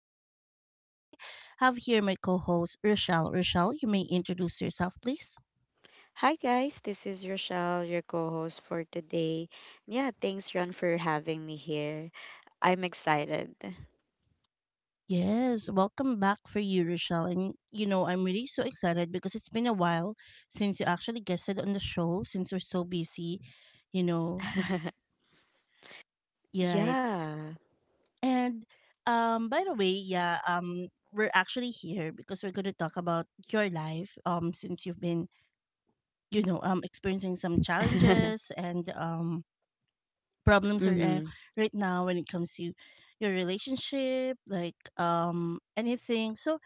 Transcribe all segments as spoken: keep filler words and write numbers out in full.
host, Ron, and I have here my co host, Rochelle. Rochelle, you may introduce yourself, please. Hi guys, this is Rochelle, your co-host for today. Yeah, thanks Ron for having me here. I'm excited. Yes, welcome back for you, Rochelle. And, you know, I'm really so excited because it's been a while since you actually guested on the show, since we're so busy, you know, yeah, right. Yeah. And, um, by the way, yeah, um, we're actually here because we're going to talk about your life um since you've been you know um experiencing some challenges and um problems, or, uh, Mhm. right now when it comes to your relationship like um anything, so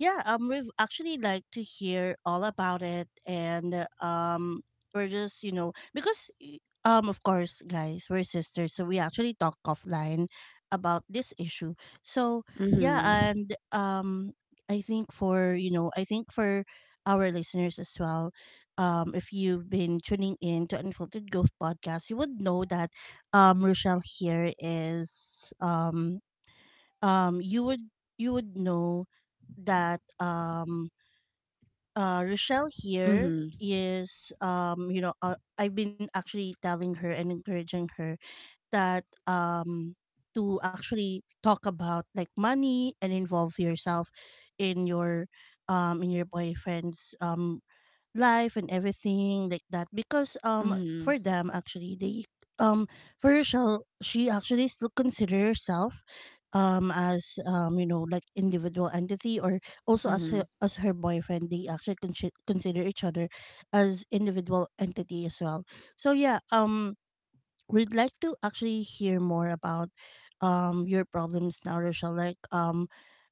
yeah, um, we've actually like to hear all about it, and um, we're just you know because y- um, of course, guys, we're sisters, so we actually talk offline about this issue. So yeah, Mhm. and um, I think for you know, I think for our listeners as well, um, if you've been tuning in to Unfiltered Growth Podcast, you would know that um, Rochelle here is um um you would you would know that um uh Rochelle here Mhm. is um you know uh, I've been actually telling her and encouraging her that um to actually talk about like money and involve yourself in your um in your boyfriend's um life and everything like that because um Mhm. for them actually they um for herself she actually still consider herself um as um you know like individual entity, or also as her Mhm. as her boyfriend they actually con- consider each other as individual entity as well. So yeah um we'd like to actually hear more about um your problems now, Rochelle, like um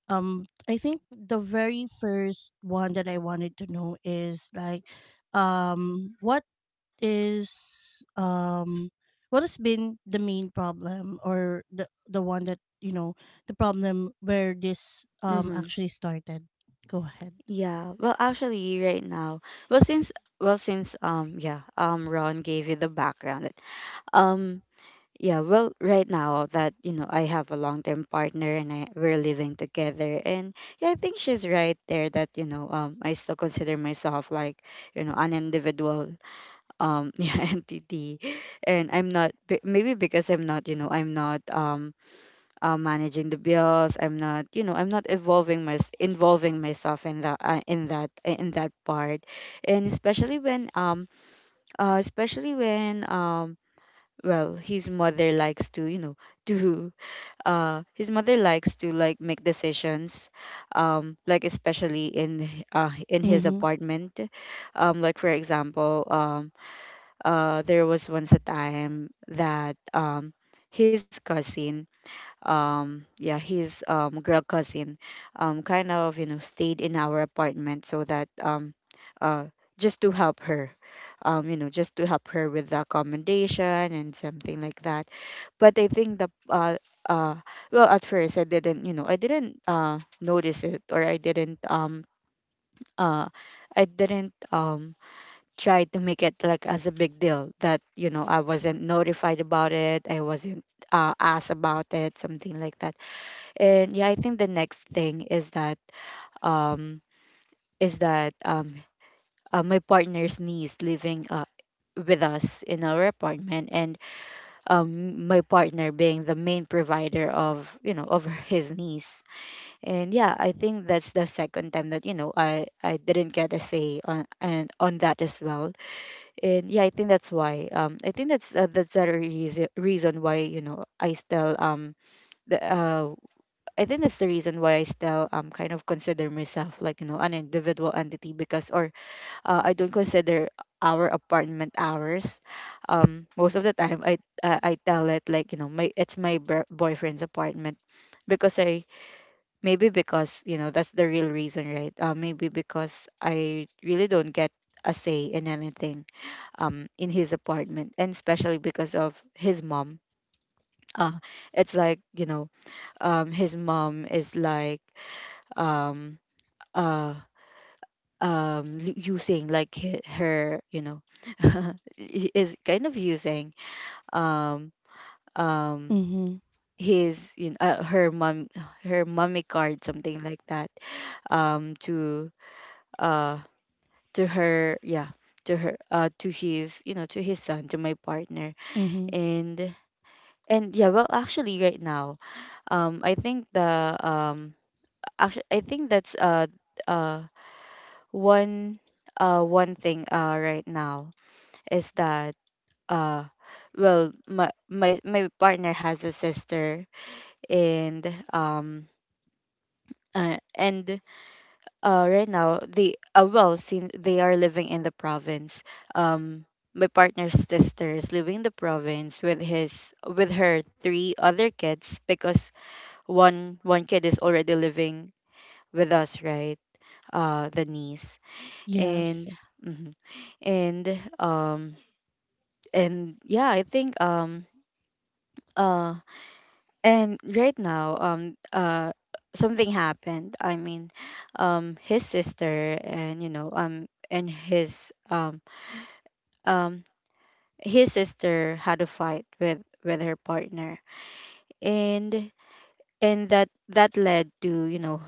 um I think the very first one that I wanted to know is like um what is um what has been the main problem, or the the one that you know, the problem where this um Mhm. actually started. Go ahead. Yeah. Well, actually right now, well since well since um yeah, um Ron gave you the background. Um Yeah, well, right now that you know I have a long-term partner and I, we're living together, and yeah, I think she's right there that you know um I still consider myself like you know an individual, um yeah, entity, and I'm not be- maybe because I'm not you know I'm not um uh, managing the bills, I'm not you know I'm not evolving my involving myself in that, uh, in that in that part, and especially when um uh especially when um well his mother likes to you know do uh his mother likes to like make decisions, um like especially in h- uh in his Mhm. apartment. Um like for example, um uh there was once a time that um his cousin, um yeah, his um girl cousin, um kind of, you know stayed in our apartment so that, um uh just to help her, um you know just to help her with the accommodation and something like that. But I think the uh uh well at first I didn't, you know I didn't uh notice it, or I didn't, um uh I didn't um try to make it like as a big deal that, you know, I wasn't notified about it. I wasn't, uh, asked about it, something like that. And yeah, I think the next thing is that, um is that um uh, my partner's niece living, uh, with us in our apartment. And um my partner being the main provider of, you know, of his niece. And yeah, I think that's the second time that, you know, i i didn't get a say on and on that as well. And yeah, I think that's why, um I think that's, uh, that's the reason reason why, you know, I still, um the uh I think that's the reason why I still, um kind of consider myself like, you know, an individual entity. Because, or, uh, I don't consider our apartment hours. Um, most of the time I, uh, I tell it like, you know, my it's my br- boyfriend's apartment. Because I, maybe because, you know, that's the real reason, right. Uh, maybe because I really don't get a say in anything, um in his apartment, and especially because of his mom. Uh, it's like, you know, um his mom is like, um uh um l- using, like, he- her, you know, i- is kind of using, um um Mhm. his, you know, uh, her mom, her mommy card, something like that, um to, uh to her, yeah, to her, uh, to his, you know, to his son, to my partner. Mhm. And and yeah, well actually right now, um I think the um actually I think that's, uh uh one uh one thing, uh, right now, is that, uh well my my my partner has a sister. And um uh, and uh, right now they, uh, well since they are living in the province, um my partner's sister is living in the province with his with her three other kids, because one one kid is already living with us, right, uh, the niece. And Yes. Mhm. And um and yeah, I think, um uh and right now, um uh something happened. I mean, um his sister, and, you know, um and his um um his sister had a fight with with her partner, and and that that led to, you know,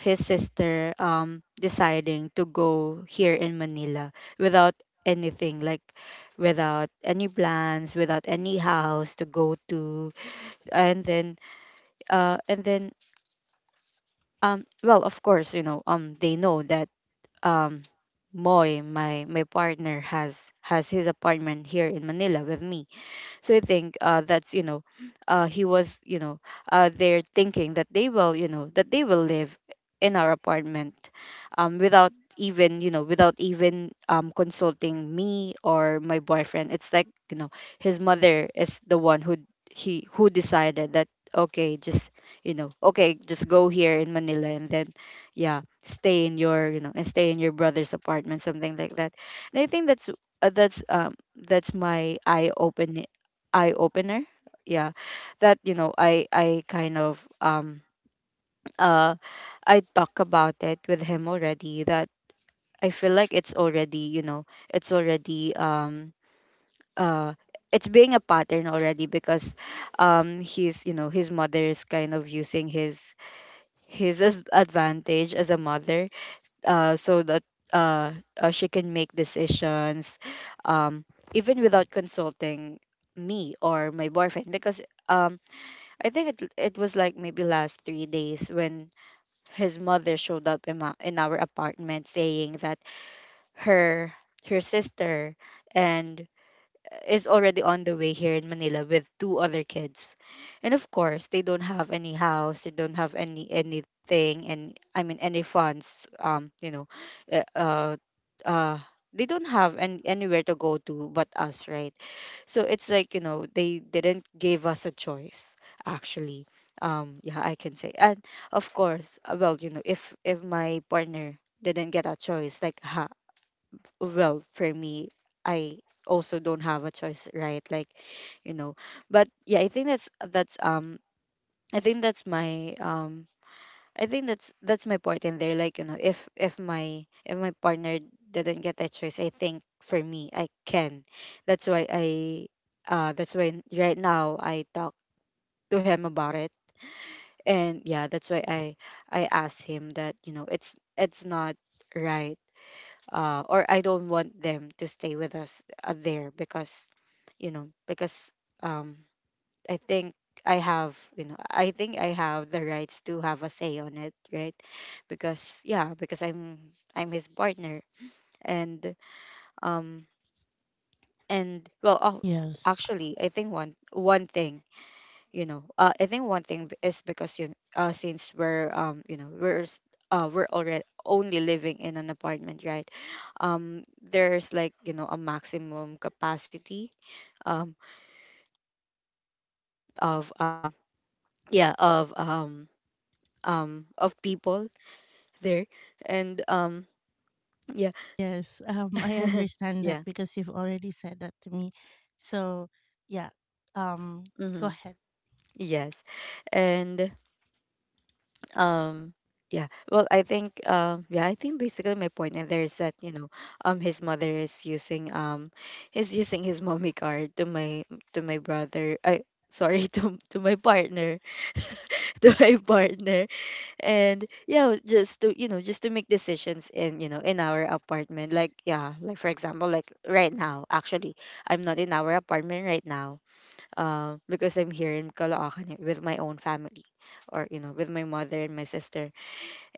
his sister, um deciding to go here in Manila, without anything, like, without any plans, without any house to go to. And then, uh and then um, well of course, you know, um they know that, um Moy my my partner has has his apartment here in Manila with me. So I think, uh, that's, you know, uh, he was you know, uh, they're thinking that they will, you know that they will live in our apartment, um, without even, you know without even, um consulting me or my boyfriend. It's like, you know, his mother is the one who he who decided that, okay, just, you know okay, just go here in Manila, and then, yeah, stay in your, you know and stay in your brother's apartment, something like that. And I think that's, uh, that's, um that's my eye open eye opener. Yeah, that, you know, I I kind of, um uh I talk about it with him already. That I feel like it's already, you know, it's already, um uh it's being a pattern already. Because, um he's, you know, his mother is kind of using his, his as- advantage as a mother, uh, so that, uh, uh, she can make decisions, um even without consulting me or my boyfriend. Because, um, I think it it was like maybe last three days when his mother showed up in, my, in our apartment, saying that her her sister, and uh, is already on the way here in Manila with two other kids. And of course, they don't have any house, they don't have any anything, and I mean any funds, um you know uh uh uh, they don't have an anywhere to go to but us, right? So it's like, you know, they didn't give us a choice, actually, um yeah, I can say. And of course, uh, well, you know, if if my partner didn't get a choice, like, ha, well for me, I also don't have a choice, right, like, you know. But yeah, I think that's that's um I think that's my, um I think that's that's my point in there. Like, you know, if if my if my partner didn't get that choice, I think for me I can. That's why I, uh, that's why right now I talk to him about it, and yeah, that's why I I asked him that, you know, it's it's not right. Uh, or I don't want them to stay with us, uh, there, because, you know, because, um I think I have, you know, I think I have the rights to have a say on it, right? Because yeah, because I'm I'm his partner, and um and well, oh, Yes. actually, I think one one thing, you know, uh, I think one thing b- is because you uh since we're, um you know, we're s- uh we're already only living in an apartment, right? Um, there's like, you know, a maximum capacity, um of, um yeah, of um um of people there. And um yeah. Yes. um I understand that Yeah. because you've already said that to me, so yeah um go Hmm. ahead. Yes. And um yeah, well, I think, um yeah, I think basically my point in there is that, you know, um his mother is using, um is using his mommy card to my, to my brother, I, sorry, to, to my partner. To my partner. And yeah, just to, you know just to make decisions in, you know in our apartment, like, yeah, like for example, like right now actually, I'm not in our apartment right now, uh, because I'm here in Caloocan, eh, with my own family, or, you know, with my mother and my sister.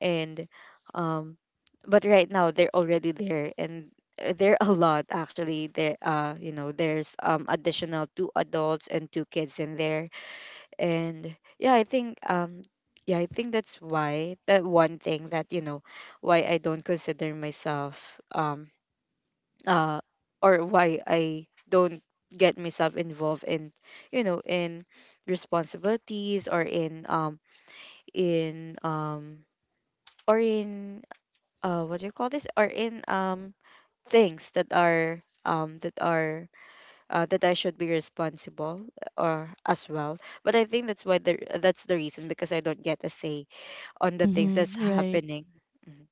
And um but right now they're already there, and, uh, they're a lot actually there, uh, you know, there's, um additional two adults and two kids in there. And yeah, I think, um yeah, I think that's why, that one thing, that, you know, why I don't consider myself, um uh or why I don't get myself involved in, you know, in responsibilities, or in, um in um or in uh what do you call this, or in, um things that are, um that are, uh, that I should be responsible, or as well. But I think that's why, the that's the reason, because I don't get a say on the things Mhm. that's Right. happening. Mm-hmm.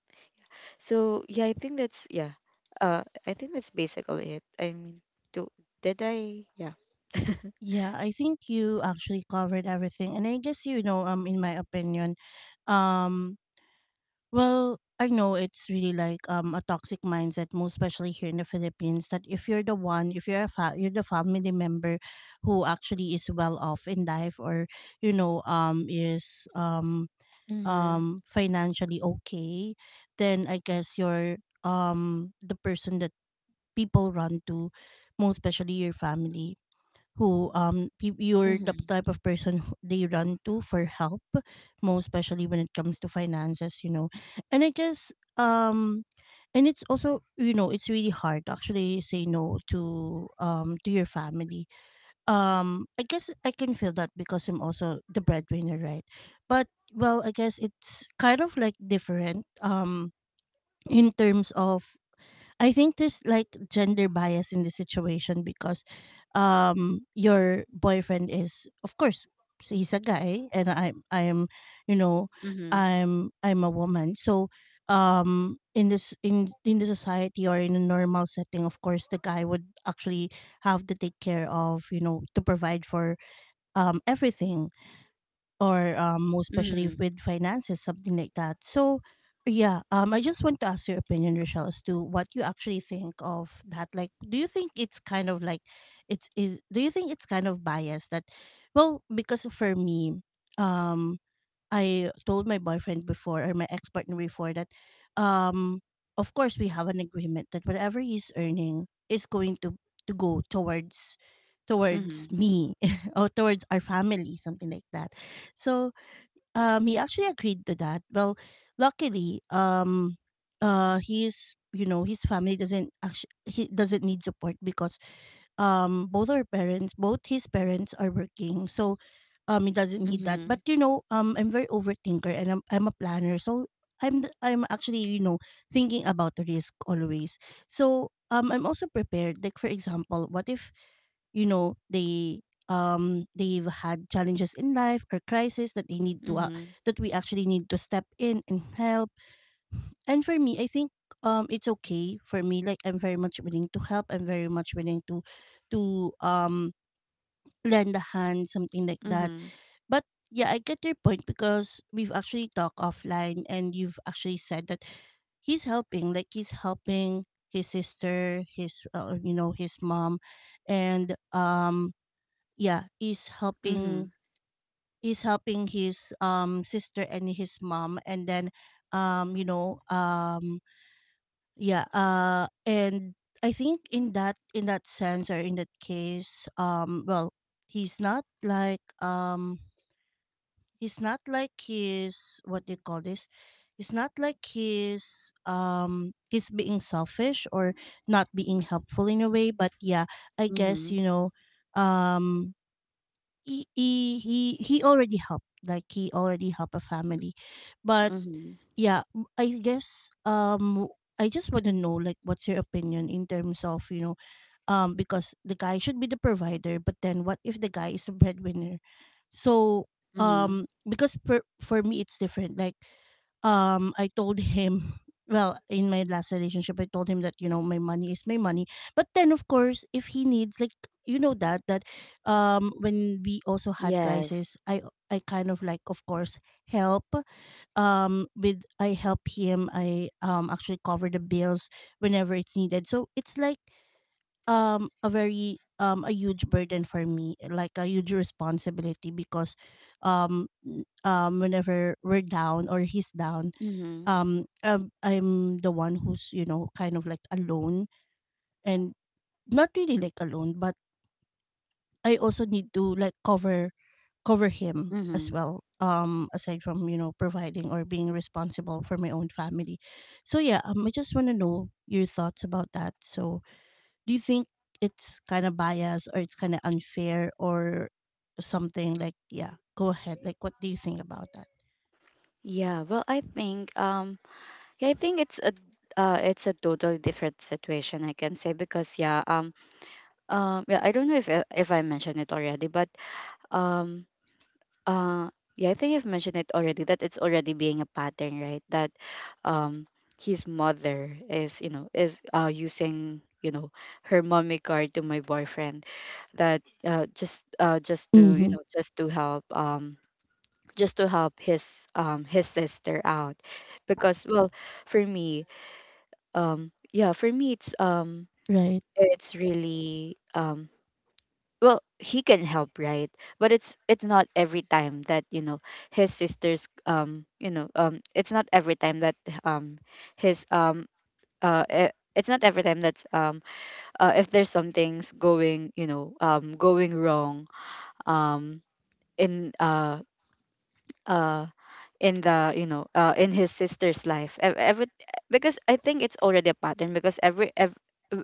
So yeah, I think that's, yeah, uh, I think that's basically it. I mean, do did I? Yeah. Yeah, I think you actually covered everything. And I guess, you know, um in my opinion, um well, I know it's really like um a toxic mindset, most especially here in the Philippines, that if you're the one, if you're a fa- you're the family member who actually is well off in life, or you know, um is um Mhm. um financially okay, then I guess you're um the person that people run to, most especially your family, who um peop- you're the Mhm. type of person who they run to for help, most especially when it comes to finances, you know and I guess um and it's also, you know it's really hard to actually say no to, um to your family. um I guess I can feel that because I'm also the breadwinner, right? But well, I guess it's kind of like different um in terms of, I think there's like gender bias in the situation because um your boyfriend is of course he's a guy and I I am, you know Mhm. I'm I'm a woman. So um in this in in the society or in a normal setting, of course the guy would actually have to take care of, you know to provide for um everything, or um, most especially Mhm. with finances, something like that. So, yeah, um, I just want to ask your opinion, Rochelle, as to what you actually think of that. Like, do you think it's kind of like, it's is? Do you think it's kind of biased that, well, because for me, um, I told my boyfriend before, or my ex partner before, that, um, of course we have an agreement that whatever he's earning is going to to go towards towards Mhm. me, or towards our family, something like that. So um, he actually agreed to that. Well, luckily, um, uh, he's you know his family doesn't actually, he doesn't need support, because um both our parents, both his parents, are working, so um he doesn't need that, but Mhm. you know um I'm very overthinker, and i'm, I'm a planner, so i'm th- I'm actually, you know thinking about the risk always. So um I'm also prepared, like for example what if you know they, um they've had challenges in life or crisis that, they need to uh, Mhm. that we actually need to step in and help. And for me, I think um it's okay for me. Like I'm very much willing to help. I'm very much willing to to um lend a hand, something like that. Mhm. But yeah, I get your point because we've actually talked offline and you've actually said that he's helping, like he's helping his sister, his uh, you know, his mom, and um yeah, he's helping Mhm. he's helping his um sister and his mom, and then um you know um yeah, uh and I think in that in that sense, or in that case, um well, he's not like, um he's not like, his, what do you call this? It's not like he's, um he's being selfish or not being helpful in a way, but yeah, I guess, Mhm. you know, um he he he he already helped, like he already helped a family, but Mhm. yeah m- I guess, um I just want to know, like, what's your opinion in terms of, you know um because the guy should be the provider, but then what if the guy is a breadwinner, so Mhm. um because per, for me it's different. Like um I told him, well, in my last relationship I told him that, you know my money is my money, but then of course if he needs, like, you know that that um when we also had Yes. crisis, i i kind of, like, of course help, um with I help him, I um actually cover the bills whenever it's needed, so it's like um a very um a huge burden for me, like a huge responsibility because, um n- um whenever we're down, or he's down Mhm. um um, I'm the one who's, you know kind of like alone, and, not really like alone, but I also need to, like, cover cover him as Mhm. well, um aside from, you know providing or being responsible for my own family. So yeah um I just want to know your thoughts about that. So do you think it's kind of biased, or it's kind of unfair, or something like, yeah, go ahead. Like what do you think about that? Yeah, well, I think, um yeah, I think it's a, uh, it's a totally different situation I can say. Because yeah, um um yeah, I don't know if I- if I mentioned it already, but, um Uh, yeah, I think I've mentioned it already that it's already being a pattern, right? That, um his mother is, you know, is, uh, using, you know, her mommy card to my boyfriend, that, uh just, uh just to, you Mhm. know, just to help, um just to help his, um his sister out. Because, well, for me, um yeah, for me, it's um Right. it's really... um well, he can help, right? But it's it's not every time that, you know, his sisters, um you know um it's not every time that... um his um uh eh, it's not every time that's... um uh, if there's some things going, you know, um going wrong um in uh uh in the, you know, uh in his sister's life, ev- every because I think it's already a pattern because every ev-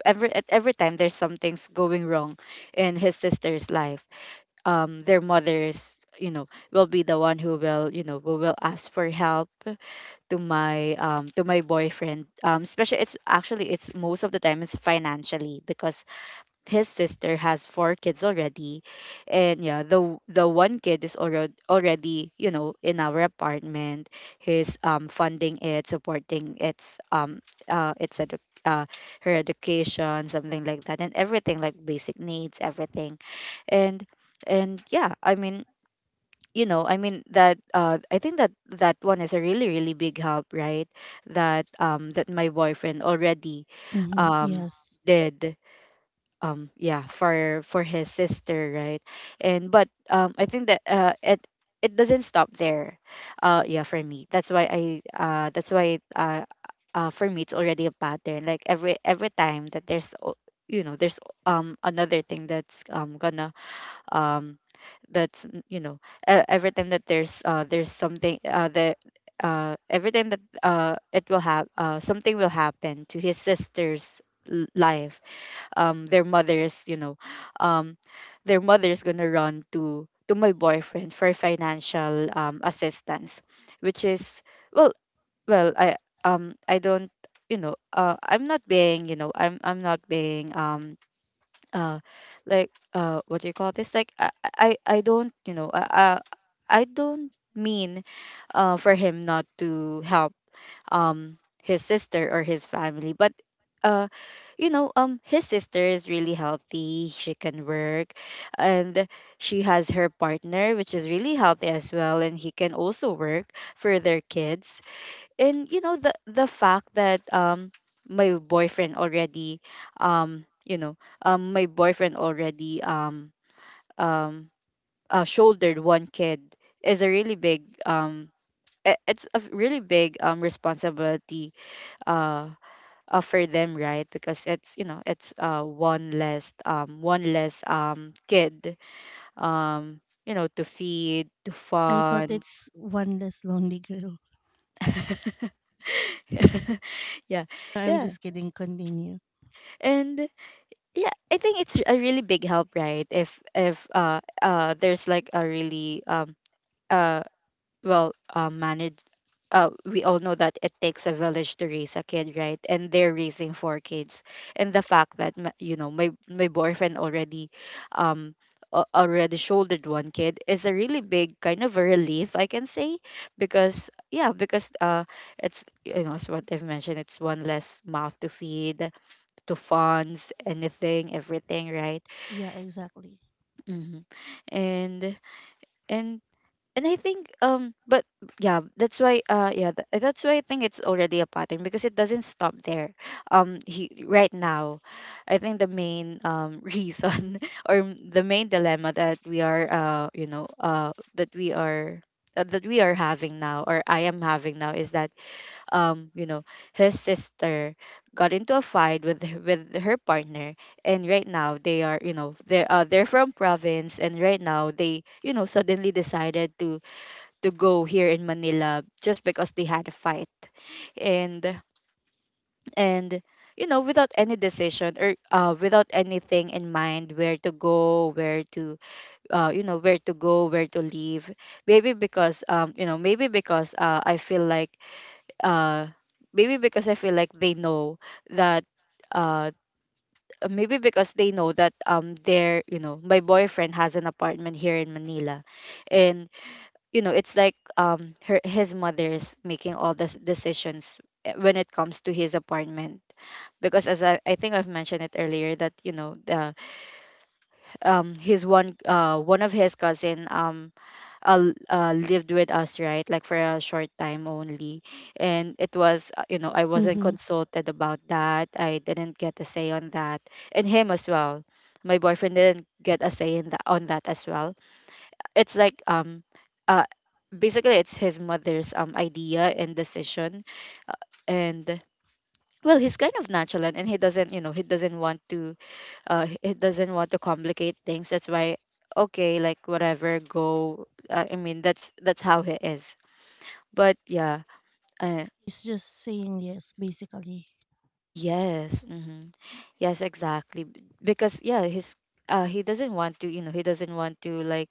every, at every time there's some things going wrong in his sister's life. Um their mothers, you know, will be the one who will, you know, who will ask for help to my... um to my boyfriend, um especially, it's actually, it's most of the time, it's financially, because his sister has four kids already. And yeah, the the one kid is already already, you know, in our apartment. He's um funding it, supporting its um uh its edu- uh, her education, something like that, and everything, like basic needs, everything. And and yeah, I mean, you know, i mean that uh I think that that one is a really, really big help, right? That um that my boyfriend already Mhm. um Yes. did, um yeah, for for his sister, right? And but um I think that uh it it doesn't stop there. Uh yeah, for me that's why I... uh that's why... uh uh for me it's already a pattern, like every every time that there's, o- you know, there's um another thing that's um gonna... um that's n- you know, e- every time that there's uh there's something uh that... uh every time that uh it will have uh something, will happen to his sister's l- life. Um their mothers, you know, um their mother's gonna run to to my boyfriend for financial um assistance. Which is, well, well i um I don't... you know, uh I'm not being, you know, i'm i'm not being um uh like, uh what do you call this, like, i i, I don't, you know, i i I don't mean uh for him not to help um his sister or his family. But uh you know, um his sister is really healthy, she can work. And she has her partner, which is really healthy as well, and he can also work for their kids. And you know, the the fact that um my boyfriend already... um you know, um my boyfriend already um um uh, shouldered one kid is a really big um i- it's a really big um responsibility uh offer them, right? Because it's, you know, it's uh one less... um one less um kid, um you know, to feed, to I thought it's funds. one less lonely girl. yeah I'm yeah just kidding. Continue. And yeah, I think it's a really big help, right? If if uh uh there's like a really um uh well, uh, manage... uh, we all know that it takes a village to raise a kid, right? And they're raising four kids. And the fact that, my- you know, my my boyfriend already um a- already shouldered one kid is a really big kind of a relief, I can say. Because, yeah, because uh it's, you know, as what I've mentioned, it's one less mouth to feed, to funds, anything, everything, right? Yeah, exactly. Hmm. And and and I think um but, yeah, that's why... uh yeah, th- that's why I think it's already a pattern, because it doesn't stop there. Um he, right now... I think the main um reason, or m- the main dilemma that we are, uh you know, uh that we are uh, that we are having now, or I am having now, is that, um you know, his sister got into a fight with h- with her partner. And right now they are, you know, they're, uh, they're from province, and right now they, you know, suddenly decided to to go here in Manila, just because they had a fight. And and you know, without any decision, or, uh, without anything in mind where to go, where to... uh, you know, where to go, where to leave. Maybe because, um, you know, maybe because, uh, I feel like... uh maybe because I feel like they know that... uh maybe because they know that, um their, you know, my boyfriend has an apartment here in Manila. And you know, it's like, um her his mother's making all the decisions, eh, when it comes to his apartment. Because, as I, I think I've mentioned it earlier, that you know, the um his one... uh one of his cousin, um uh, uh, lived with us, right, like for a short time only. And it was, uh, you know, I wasn't Mhm. consulted about that, I didn't get a say on that. And him as well, my boyfriend didn't get a say in that, on that, as well. It's like, um basically, it's his mother's um idea and decision. And, well, he's kind of nonchalant, and he doesn't, you know, he doesn't want to... uh he doesn't want to complicate things, that's why, okay, like, whatever, go... uh, I mean, that's that's how he is. But, yeah, uh, It's just saying yes basically. yes. Hmm. Yes, exactly. B- Because, yeah, his, uh he doesn't want to, you know, he doesn't want to, like,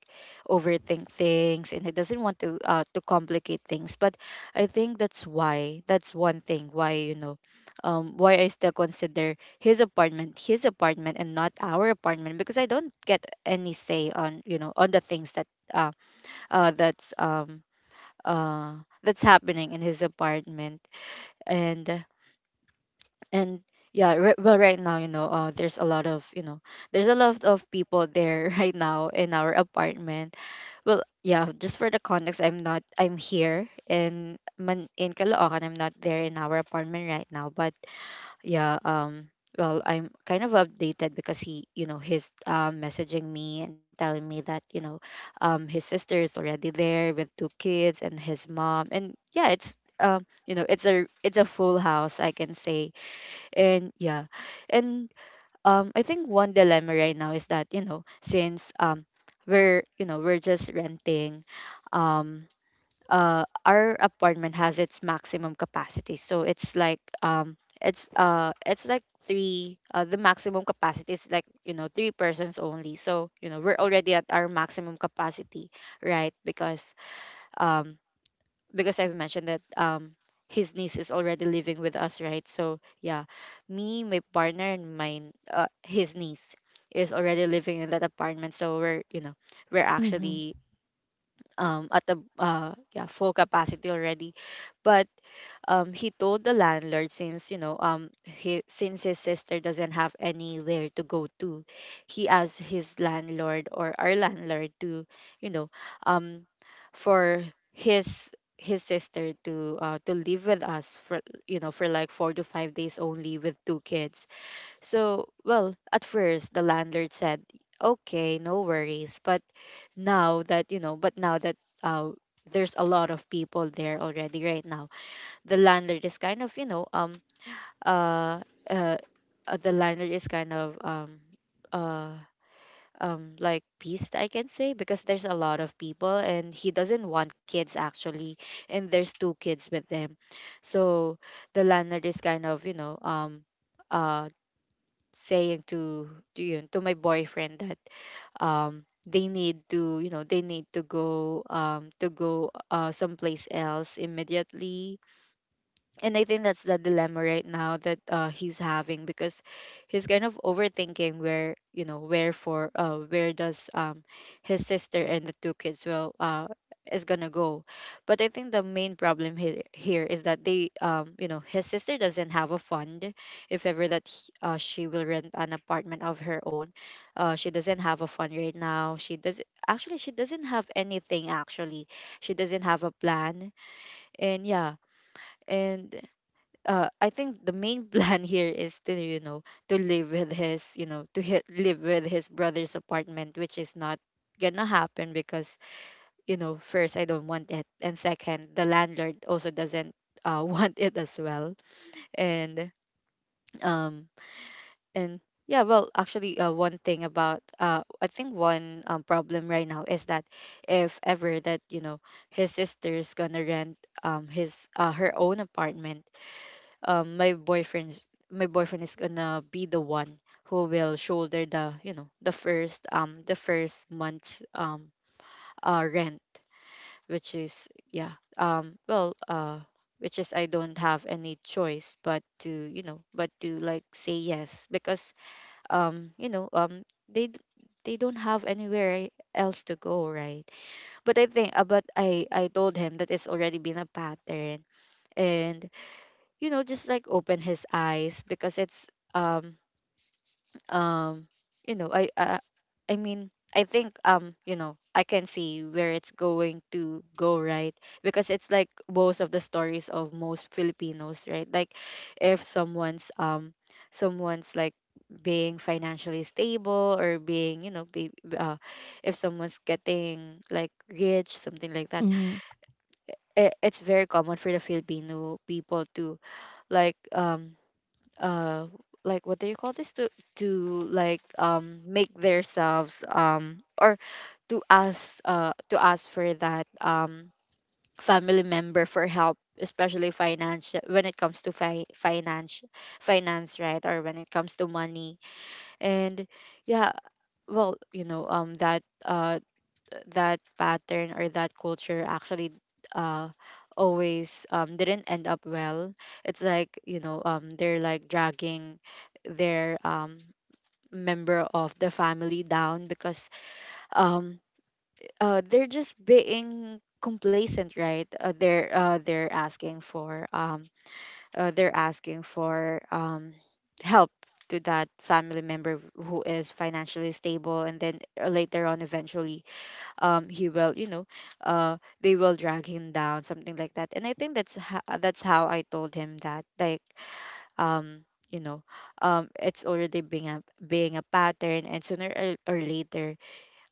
overthink things, and he doesn't want to, uh to complicate things. But I think that's why, that's one thing why, you know, um why I still consider his apartment his apartment, and not our apartment, because I don't get any say on, you know, on the things that... uh uh that's um uh that's happening in his apartment. And and yeah, right, well, right now, you know, uh there's a lot of, you know, there's a lot of people there right now in our apartment. Well, yeah, just for the context, I'm not I'm here in man in Caloocan, I'm not there in our apartment right now, but yeah, um well, I'm kind of updated because he, you know, he's, uh, messaging me and telling me that, you know, um his sister is already there with two kids and his mom. And yeah, it's, um you know, it's a, it's a full house, I can say. And yeah. And um I think one dilemma right now is that, you know, since um we're, you know, we're just renting, um uh our apartment has its maximum capacity. So it's like, um it's uh it's like three, uh, the maximum capacity is, like, you know, three persons only. So, you know, we're already at our maximum capacity, right, because, um because I've mentioned that, um his niece is already living with us, right? So yeah, me, my partner, and mine, uh, his niece, is already living in that apartment. So, we're you know, we're Mhm. actually um at the, uh yeah, full capacity already. But um he told the landlord, since, you know, um he since his sister doesn't have anywhere to go to, he asked his landlord, or our landlord, to, you know, um for his, his sister to, uh to live with us for, you know, for like four to five days only, with two kids. So, well, at first, the landlord said, okay, no worries. But now that, you know, but now that uh there's a lot of people there already right now, the landlord is kind of, you know, um uh uh, uh the landlord is kind of um uh um like, pissed, I can say, because there's a lot of people, and he doesn't want kids, actually. And there's two kids with them. So, the landlord is kind of, you know, um uh saying to to you to my boyfriend that um they need to, you know, they need to go, um to go, uh someplace else immediately. And I think that's the dilemma right now that, uh, he's having, because he's kind of overthinking where, you know, where for, uh, where does, um his sister and the two kids will, uh is gonna go. But I think the main problem here here is that they, um you know, his sister doesn't have a fund, if ever that he, uh, she will rent an apartment of her own. Uh she doesn't have a fund right now, she does... actually, she doesn't have anything, actually. She doesn't have a plan. And, yeah. And, uh, I think the main plan here is to, you know, to live with his, you know, to hit, live with his brother's apartment, which is not gonna happen because, you know, first, I don't want it, and second, the landlord also doesn't, uh, want it as well. And um and yeah. Well, actually, uh, one thing about, uh I think one, um, problem right now is that, if ever that, you know, his sister's gonna rent um his uh, her own apartment, um my boyfriend's my boyfriend is gonna be the one who will shoulder the, you know, the first, um the first month's, um uh rent. Which is, yeah, um well uh which is, I don't have any choice but to, you know, but to, like, say yes, because, um you know, um they, d- they don't have anywhere else to go, right? But I think, uh, but I I told him that it's already been a pattern, and you know just like open his eyes because it's um um you know I uh, I mean, I think, um you know I can see where it's going to go, right? Because it's like most of the stories of most Filipinos, right? Like if someone's um someone's like being financially stable, or being, you know be, uh, if someone's getting like rich, something like that. Mhm. It, it's very common for the Filipino people to like um uh like, what do you call this, to to like um make themselves, um or to ask uh to ask for that, um family member for help, especially financial, when it comes to fi- finance finance, right? Or when it comes to money. And yeah, well, you know um that, uh that pattern or that culture actually, uh always, um didn't end up well. It's like, you know um they're like dragging their, um member of the family down, because, um uh they're just being complacent, right? Uh, they're uh they're asking for, um uh, they're asking for um help to that family member who is financially stable, and then later on, eventually, um he will, you know, uh they will drag him down, something like that. And I think that's ho- that's how I told him, that like, um you know um it's already being a being a pattern, and sooner or, or later,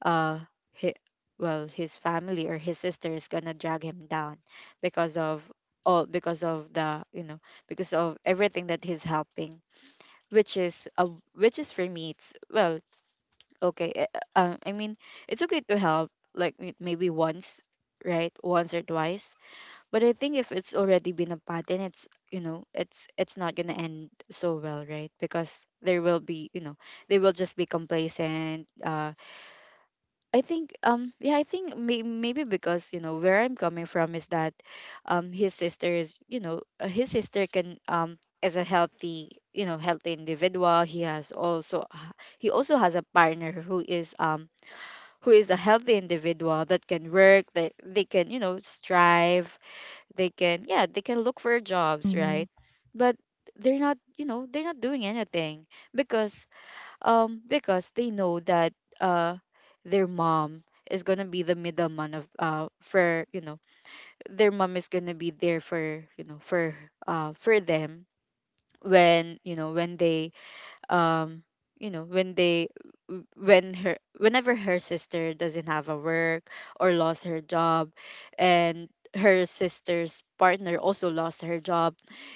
uh he, well, his family or his sister is gonna drag him down, because of, all because of the, you know, because of everything that he's helping. Which is, uh, which is, for me, it's, well, okay. uh, uh, I mean, it's okay to help like, m- maybe once, right? Once or twice. But I think if it's already been a pattern, it's, you know it's it's not gonna end so well, right? Because there will be, you know, they will just be complacent. uh I think, um yeah, I think, may- maybe because, you know, where I'm coming from is that, um his sister is, you know uh, his sister can um is a healthy, you know, healthy individual. He has also, he also has a partner who is, um who is a healthy individual that can work, that they can, you know, strive, they can, yeah, they can look for jobs, right? Mhm. But they're not, you know, they're not doing anything, because, um because they know that, uh their mom is gonna be the middleman of, uh for you know their mom is gonna be there for, you know for uh for them, when, you know, when they, um you know when they, w- when her whenever her sister doesn't have a work, or lost her job, and her sister's partner also lost her job.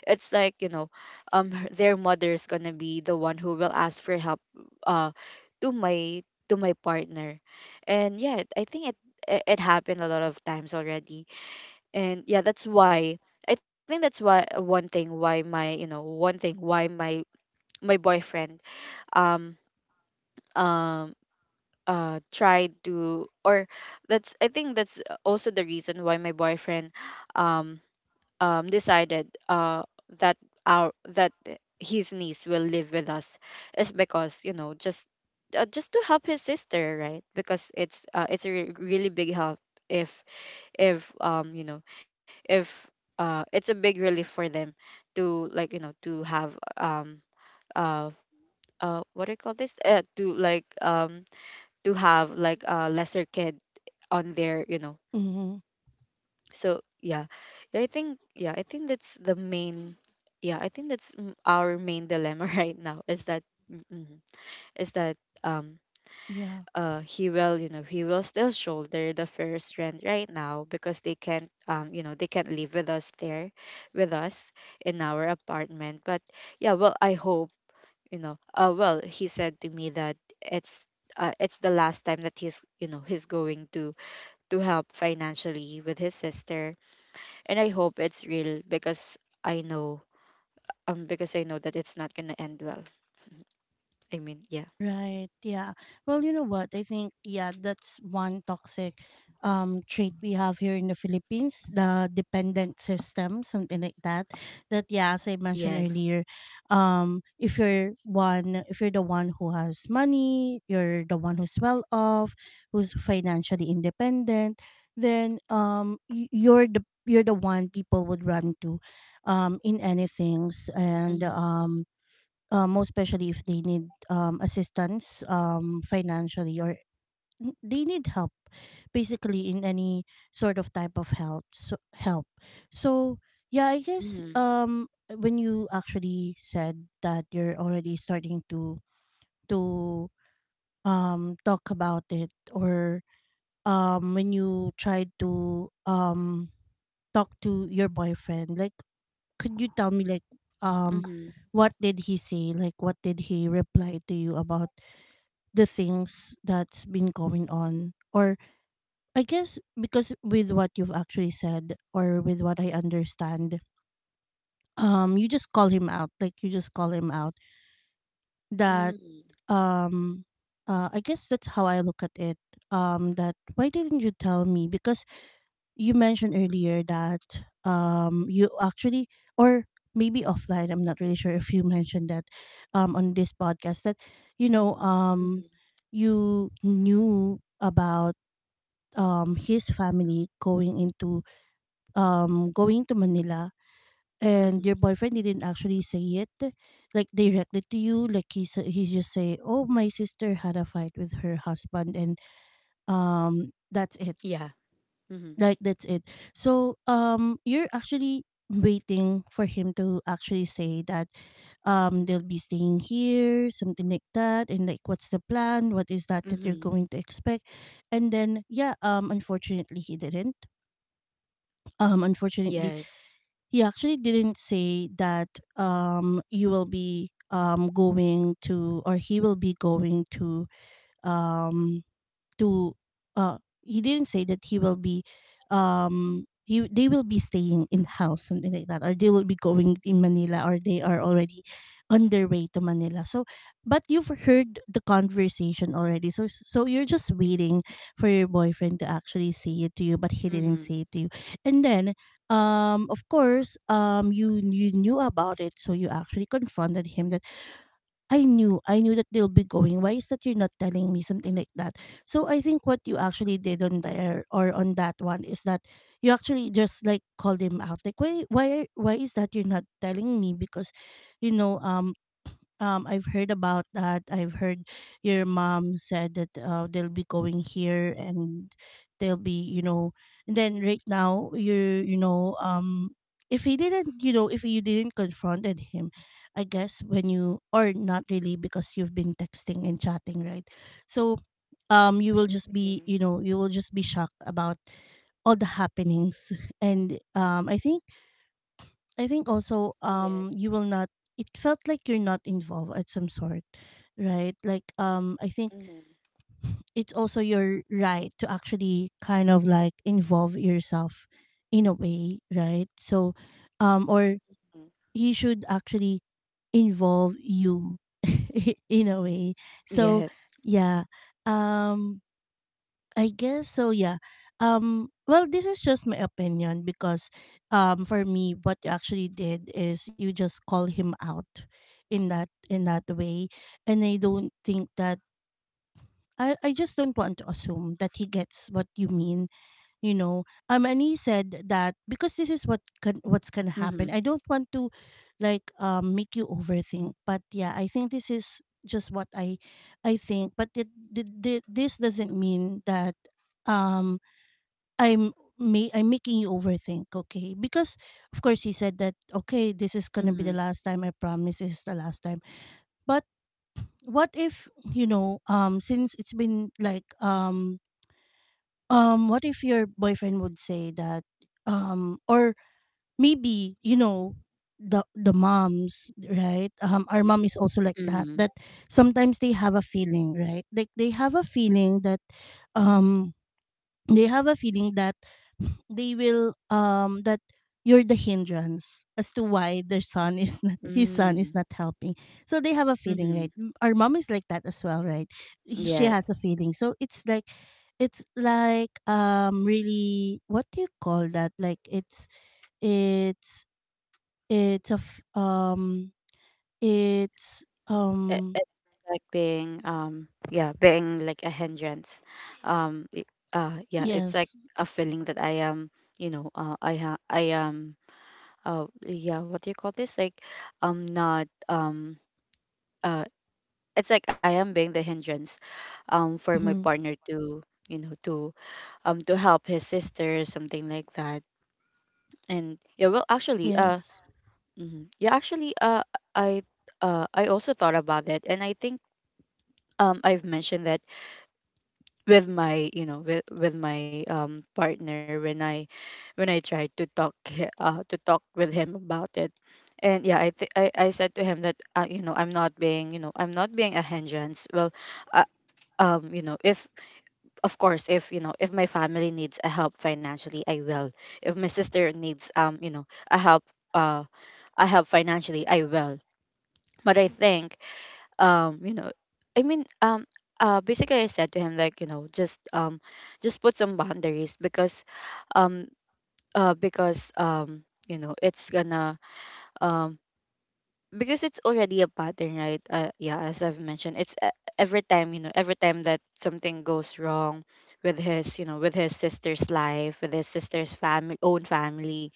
It's like, you know um her, their mother is gonna be the one who will ask for help, uh to my, to my partner. And yeah, I think it, it it happened a lot of times already. And yeah, that's why I think that's why one thing, why my, you know, one thing why my my boyfriend, um um uh tried to, or that's, I think that's also the reason why my boyfriend, um um decided, uh that our that his niece will live with us, is because, you know, just, uh, just to help his sister, right? Because it's, uh, it's a re- really big help, if if um you know, if, uh it's a big relief for them to, like, you know, to have, um uh uh what do you call this, uh, to like, um to have like a lesser kid on there, you know. Mhm. So yeah, yeah, I think, yeah, I think that's the main, yeah, I think that's, mm, our main dilemma right now. Is that, mm, mm, is that, um Yeah. uh he will, you know, he will still shoulder the first rent right now, because they can't, um you know they can't live with us there, with us in our apartment. But yeah, well, I hope, you know uh well, he said to me that it's, uh, it's the last time that he's, you know, he's going to to help financially with his sister. And I hope it's real, because I know, um because I know that it's not gonna end well. I mean, yeah. Right. Yeah. Well, you know what? I think, yeah, that's one toxic um trait we have here in the Philippines, the dependent system, something like that. That, yeah, as I mentioned Yes. earlier, um if you're one, if you're the one who has money, you're the one who's well off, who's financially independent, then um y- you're the you're the one people would run to, um in anything, and Mhm. um uh, most especially if they need um, assistance, um, financially, or n- they need help basically in any sort of type of help, so, help. So yeah i guess Mhm. um when you actually said that you're already starting to, to um talk about it, or um when you tried to um talk to your boyfriend, like, could you tell me, like, um Mhm. what did he say? Like, what did he reply to you about the things that's been going on? Or I guess, because with what you've actually said, or with what I understand, um you just call him out. Like, you just call him out that, Mhm. um uh, I guess that's how I look at it. Um that why didn't you tell me? Because you mentioned earlier that um you actually, or maybe offline, I'm not really sure if you mentioned that um on this podcast, that you know um Mhm. you knew about um his family going into um going to Manila, Mhm. and your boyfriend didn't actually say it, like, directly to you. Like, he sa- he just say, oh, my sister had a fight with her husband, and um that's it, Yeah. Mhm. like, that's it. So um you're actually waiting for him to actually say that um they'll be staying here, something like that, and like, what's the plan, what is that that you're Mhm. going to expect. And then yeah, um unfortunately he didn't. Um unfortunately Yes. he actually didn't say that um you will be um going to, or he will be going to, um to uh he didn't say that he will be um he, they will be staying in house something like that, or they will be going in manila, or they are already on their way to manila. So but you've heard the conversation already, so so you're just waiting for your boyfriend to actually say it to you, but he didn't Mhm. say it to you. And then, um of course, um you you knew about it, so you actually confronted him that I knew, I knew that they'll be going. Why is that you're not telling me, something like that? So I think what you actually did on there, or on that one, is that you actually just like called him out. Like why why why is that you're not telling me? Because you know, um um, I've heard about that. I've heard your mom said that, uh, they'll be going here, and they'll be, you know. And then right now you're, you know, um, if he didn't, you know, if you didn't confronted him, I guess when you, or not really, because you've been texting and chatting, right? So um, you will just be, you know, you will just be shocked about all the happenings. And um, I think I think also Yes. um you will not, it felt like you're not involved at some sort, right? Like um I think Mhm. it's also your right to actually kind of like involve yourself in a way, right? So um or Mhm. he should actually involve you in a way. So Yes. yeah. Um I guess so, yeah. Um well, this is just my opinion because, um for me, what you actually did is you just call him out in that in that way. And I don't think that I, I just don't want to assume that he gets what you mean, you know. Um and he said that because this is what can, what's going to happen. Mhm. I don't want to like um make you overthink. But yeah, I think this is just what I I think. But it, th- th- this doesn't mean that um I'm me, I'm making you overthink, okay? Because of course he said that, okay, this is gonna be Mhm. the last time. I promise this is the last time. But what if, you know, um since it's been like, um um what if your boyfriend would say that, um or maybe you know, the the moms, right? Um our mom is also like that, Mhm. that sometimes they have a feeling, right? Like they have a feeling that, um they have a feeling that they will, um that you're the hindrance as to why their son is not, his son is not Mhm. helping. So they have a feeling, right? Mhm. M- our mom is like that as well, right? He- she has a Yes. feeling, so it's like, it's like, um really, what do you call that, like, it's it's it's a f- um it's um It, it's like being, um yeah, being like a hindrance, um it, uh yeah, it's like yes, a feeling that I am, you know, uh I ha- I am, uh yeah, what do you call this, like. Um. Not, um uh it's like I am being the hindrance, um for my mhm, partner to, you know, to, um to help his sister, or something like that. And yeah, well, actually, uh yes, mhm. Yeah, actually, uh i uh I also thought about it, and I think, um I've mentioned that with my, you know, with with my, um partner, when I, when I tried to talk, hi- uh to talk with him about it. And yeah, I th- I, I said to him that, uh, you know, I'm not being, you know, I'm not being a hindrance, well, uh, um you know, if, of course, if, you know, if my family needs a help financially, I will. If my sister needs, um you know, a help, uh a help financially, I will. But I think, um you know, I mean, um uh basically I said to him like, you know, just, um just put some boundaries, because, um uh because, um you know, it's gonna, um because it's already a pattern, right? Uh, yeah, as I've mentioned, it's, uh, every time, you know, every time that something goes wrong with his, you know, with his sister's life, with his sister's family, own family,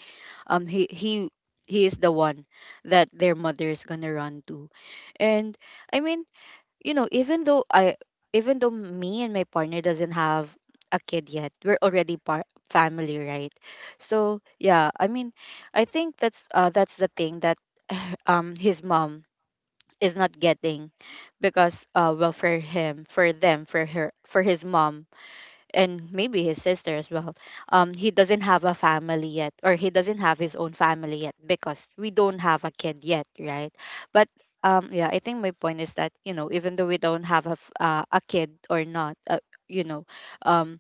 um he he he is the one that their mother is gonna run to. And I mean, you know, even though I, even though me and my partner doesn't have a kid yet, we're already part family, right? So yeah, I mean, I think that's, uh that's the thing that um his mom is not getting. Because, uh well, for him, for them, for her, for his mom, and maybe his sister as well, um he doesn't have a family yet, or he doesn't have his own family yet, because we don't have a kid yet, right? But, um yeah, I think my point is that, you know, even though we don't have a, f- uh, a kid or not, uh, you know, um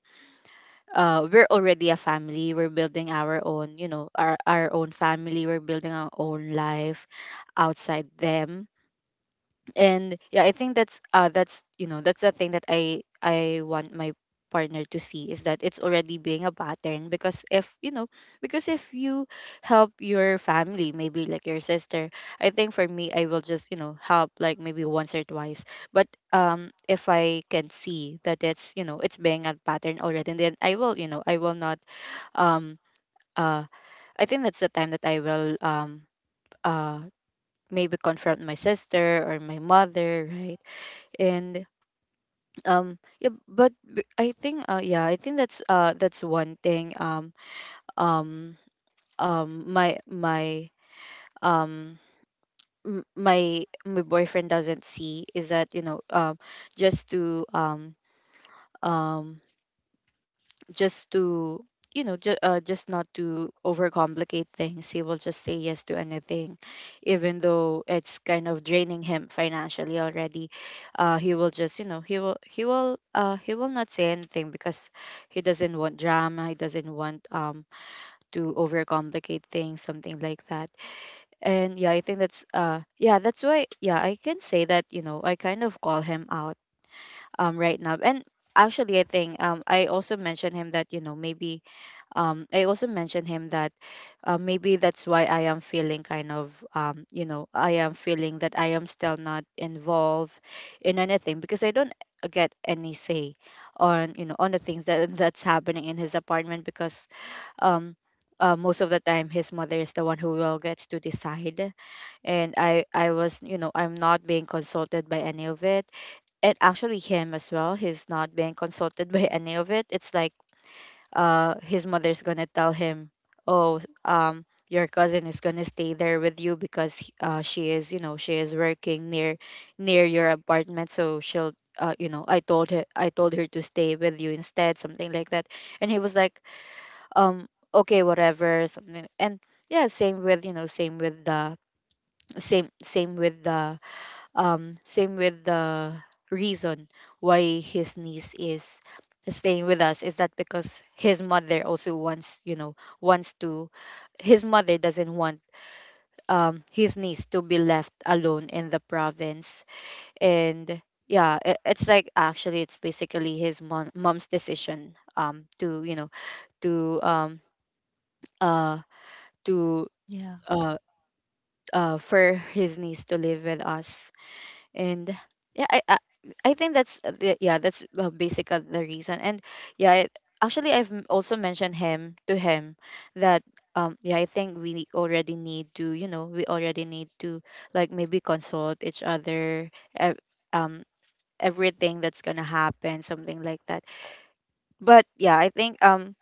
uh we're already a family. We're building our own, you know, our our own family, we're building our own life outside them. And yeah, I think that's, uh that's, you know, that's the thing that i I want my partner to see, is that it's already being a pattern. Because if, you know, because if you help your family, maybe like your sister, I think for me, I will just, you know, help like maybe once or twice. But, um if I can see that it's, you know, it's being a pattern already, and then I will, you know, I will not, um uh I think that's the time that I will, um uh maybe confront my sister or my mother, right? And, um yeah, but b- I think, uh yeah, I think that's, uh that's one thing, um um um my my um m- my my boyfriend doesn't see, is that, you know, um just to, um um just to, you know, just, uh, just not to overcomplicate things, he will just say yes to anything, even though it's kind of draining him financially already. Uh he will just, you know, he will he will, uh he will not say anything, because he doesn't want drama, he doesn't want, um to overcomplicate things, something like that. And yeah, I think that's, uh yeah, that's why, yeah, I can say that, you know, I kind of call him out, um right now. And actually, I think, um I also mentioned him that, you know, maybe, um, I also mentioned him that, uh, maybe that's why I am feeling kind of, um, you know, I am feeling that I am still not involved in anything, because I don't get any say on, you know, on the things that that's happening in his apartment, because, um, uh, most of the time his mother is the one who will gets to decide. And i i was, you know, I'm not being consulted by any of it. And actually him as well, he's not being consulted by any of it. It's like, uh, his mother's gonna tell him, "Oh, um, your cousin is gonna stay there with you because he- uh, she is, you know, she is working near near your apartment, so she'll." Uh, you know, I told her I told her to stay with you instead, something like that. And he was like, um, okay, whatever, something. And yeah, same with you know, same with the same same with the um, same with the reason why his niece is staying with us is that because his mother also wants, you know, wants to. His mother doesn't want um his niece to be left alone in the province, and yeah, it, it's like, actually, it's basically his mom, mom's decision, um to you know to um uh to yeah, uh uh for his niece to live with us. And yeah, i i, I think that's the, yeah that's uh, basically the reason. And yeah, I, actually I've m- also mentioned him to him that um yeah, I think we already need to you know we already need to like, maybe consult each other, ev- um everything that's gonna happen, something like that. But yeah, I think, um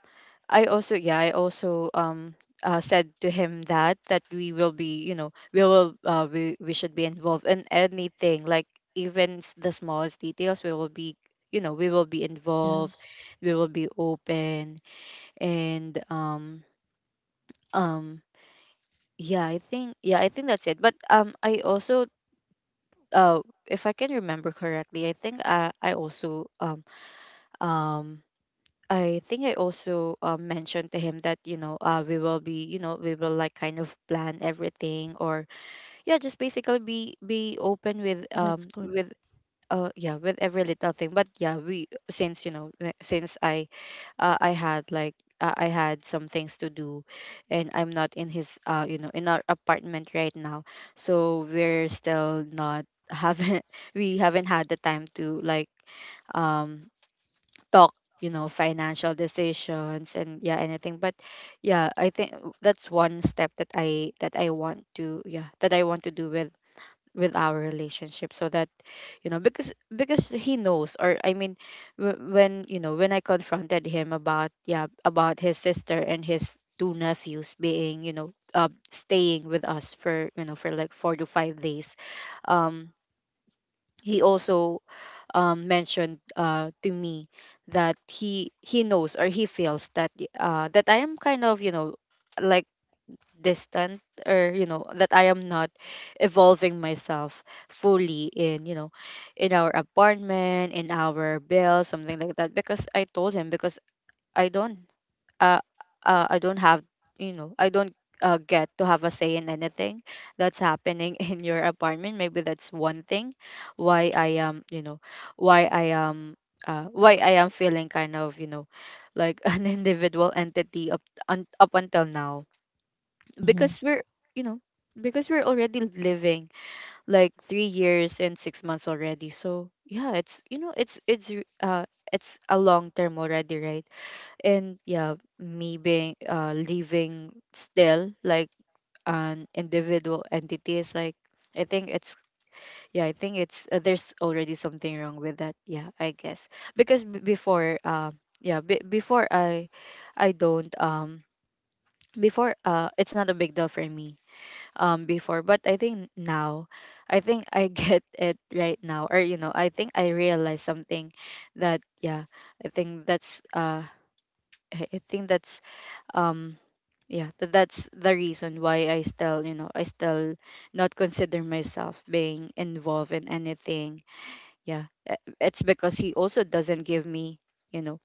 I also, yeah, I also um uh, said to him that that we will be, you know, we will, uh, we we should be involved in anything, like, even s- the smallest details, we will be, you know, we will be involved, yes, we will be open. And um um yeah, I think, yeah i think that's it. But um I also, uh if I can remember correctly, I think i i also, um um I think I also, uh, mentioned to him that, you know, uh, we will be, you know, we will, like, kind of plan everything, or yeah, just basically be be open with, that's um good. with uh yeah, with every little thing. But yeah, we since you know we- since I, uh, I had, like, uh, I had some things to do, and I'm not in his uh you know in our apartment right now, so we're still not, haven't we haven't had the time to, like, um talk, you know, financial decisions, and yeah, anything. But yeah, I think that's one step that i that i want to, yeah, that i want to do with with our relationship, so that, you know, because because he knows, or I mean, wh- when, you know, when I confronted him about, yeah, about his sister and his two nephews being, you know, uh, staying with us for, you know, for like four to five days. um he also, um, mentioned, uh, to me that he he knows, or he feels that uh, that I am kind of, you know, like, distant, or, you know, that I am not evolving myself fully in, you know, in our apartment, in our bill, something like that, because I told him, because I don't, uh, uh, I don't have, you know, I don't, uh, get to have a say in anything that's happening in your apartment. Maybe that's one thing why I am, you know, why I am, uh, why I am feeling kind of, you know, like an individual entity up un, up until now, Mhm. because we're, you know, because we're already living like three years and six months already. So yeah, it's, you know, it's it's re- uh, it's a long term already, right? And yeah, me being, uh living still like an individual entity, is, like, I think it's yeah, I think it's, uh, there's already something wrong with that, yeah, I guess, because b- before uh yeah b- before i i don't um before, uh it's not a big deal for me, um before. But I think now, I think I get it right now, or, you know, I think I realize something. That, yeah, i think that's uh i I think that's, um yeah, th- that's the reason why I still, you know, I still not consider myself being involved in anything. Yeah, e- it's because he also doesn't give me, you know,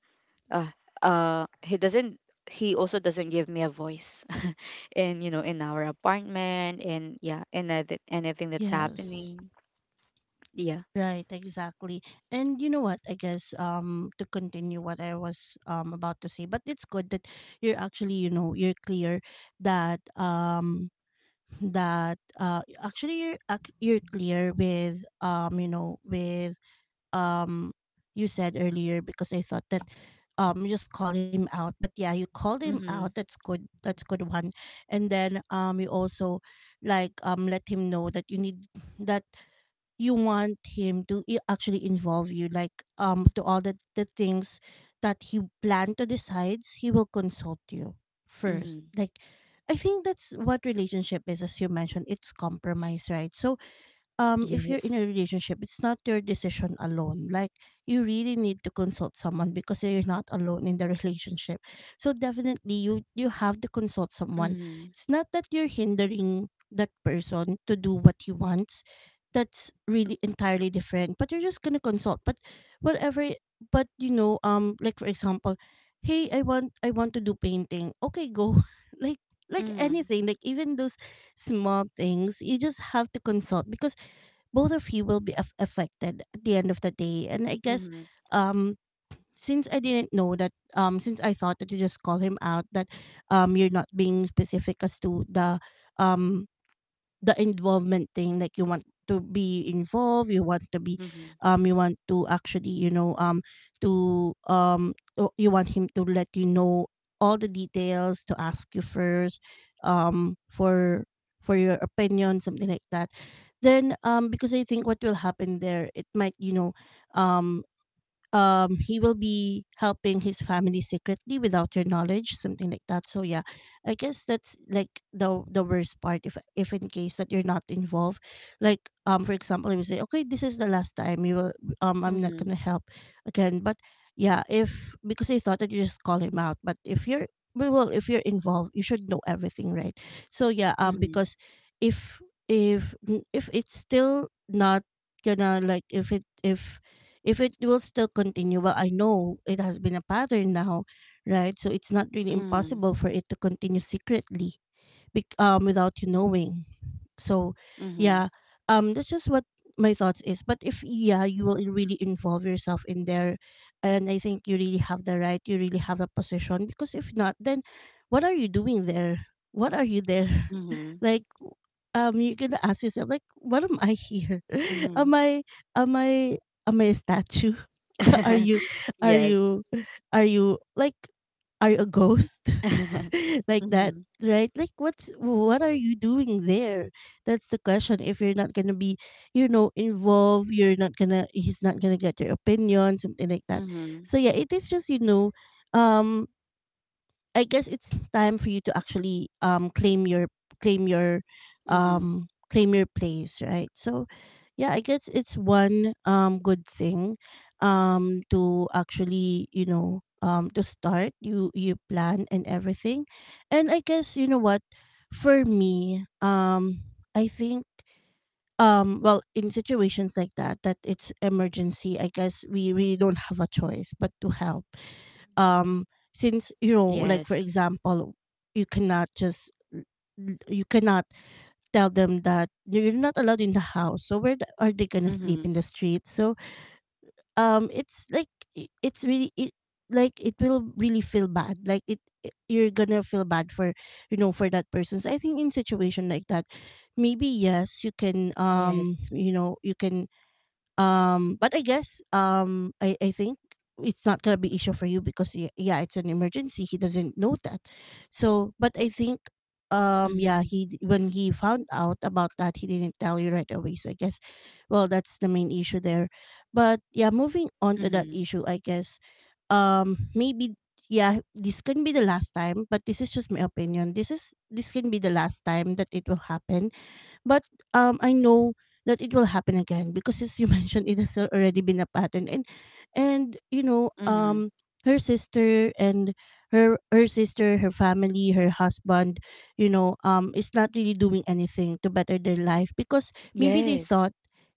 uh uh he doesn't he also doesn't give me a voice in, you know, in our apartment, and yeah, in anyth- anything that's Yes. happening. Yeah. Right, exactly. And you know what? I guess um to continue what I was um about to say, but it's good that you're actually, you know, you're clear that, um that uh actually you're ac- you're clear with, um you know, with um you said earlier, because I thought that um you just call him out. But yeah, you called him out. Mm-hmm. That's good. That's good one. And then um you also like um let him know that you need that you want him to, i- actually involve you, like um to all the, the things that he planned to decide, he will consult you first, Mm-hmm. like. I think that's what relationship is, as you mentioned, it's compromise, right? So um if you're in a Yes. relationship, it's not your decision alone. Like, you really need to consult someone because you're not alone in the relationship, so definitely you you have to consult someone. Mm-hmm. It's not that you're hindering that person to do what he wants, that's really entirely different, but you're just gonna consult. But whatever it- but you know, um like for example, hey, i want I want to do painting, okay, go, like like Mm-hmm. anything, like even those small things, you just have to consult, because both of you will be aff affected at the end of the day. And I guess, Mm-hmm. um since I didn't know that, um since I thought that you just call him out, that um you're not being specific as to the, um the involvement thing, like you want to be involved, you want to be, um you want to actually, you know, um to um o- you want him to let you know all the details, to ask you first um for for your opinion, something like that. Then um because I think what will happen there, it might, you know, um um he will be helping his family secretly without your knowledge, something like that. So yeah, I guess that's like the the worst part if if in case that you're not involved, like um for example you say, okay, this is the last time you will, um I'm not Mm-hmm. gonna help again. But yeah, if, because he thought that you just call him out, but if you're, we will, if you're involved, you should know everything, right? So yeah, um Mm-hmm. because if if if it's still not gonna, like if it if if it will still continue, well I know it has been a pattern now, right? So it's not really Mm-hmm. impossible for it to continue secretly, bec- um, without you knowing. So Mm-hmm. Mm-hmm. yeah, um that's just what my thoughts is. But if yeah, you will really involve yourself in there, and I think you really have the right, you really have the position, because if not, then what are you doing there, what are you there, Mm-hmm. like w- um you're gonna ask yourself like, what am I here, Mm-hmm. am I, am I, am I a statue, are you, are Yes. you, are you like, are you a ghost, like that, Mhm. right? Like what's, what are you doing there? That's the question, if you're not gonna be, you know, involved, you're not gonna, he's not gonna get your opinion, something like that. Mhm. So yeah, it is just, you know, um I guess it's time for you to actually um claim your claim your Mhm. um claim your place, right? So yeah, I guess it's one um good thing um to actually, you know, um to start you you plan and everything. And I guess you know what, for me, um I think um well, in situations like that, that it's emergency, I guess we really don't have a choice but to help, um since you know, like for Yes. example, you cannot just l- l- you cannot tell them that you're not allowed in the house, so where the- are they gonna sleep Mhm. in the street? So um it's like, i- it's really it, like it will really feel bad, like it it- you're gonna feel bad for, you know, for that person. So I think in situation like that, maybe yes, you can, um Yes. you know, you can, um, but I guess, um, I I think it's not gonna be issue for you, because y- yeah, it's an emergency. He doesn't know that. So, but I think, um yeah, Mhm. he d- when he found out about that, he didn't tell you right away, so I guess, well, that's the main issue there. But yeah, moving on to that Mhm. issue, I guess, um maybe, yeah, this can be the last time, but this is just my opinion, this is, this can be the last time that it will happen. But um, I know that it will happen again, because as you mentioned, it has already been a pattern. And and you know, Mhm. um, her sister and her her sister, her family, her husband, you know, um, is not really doing anything to better their life, because maybe they Yes. thought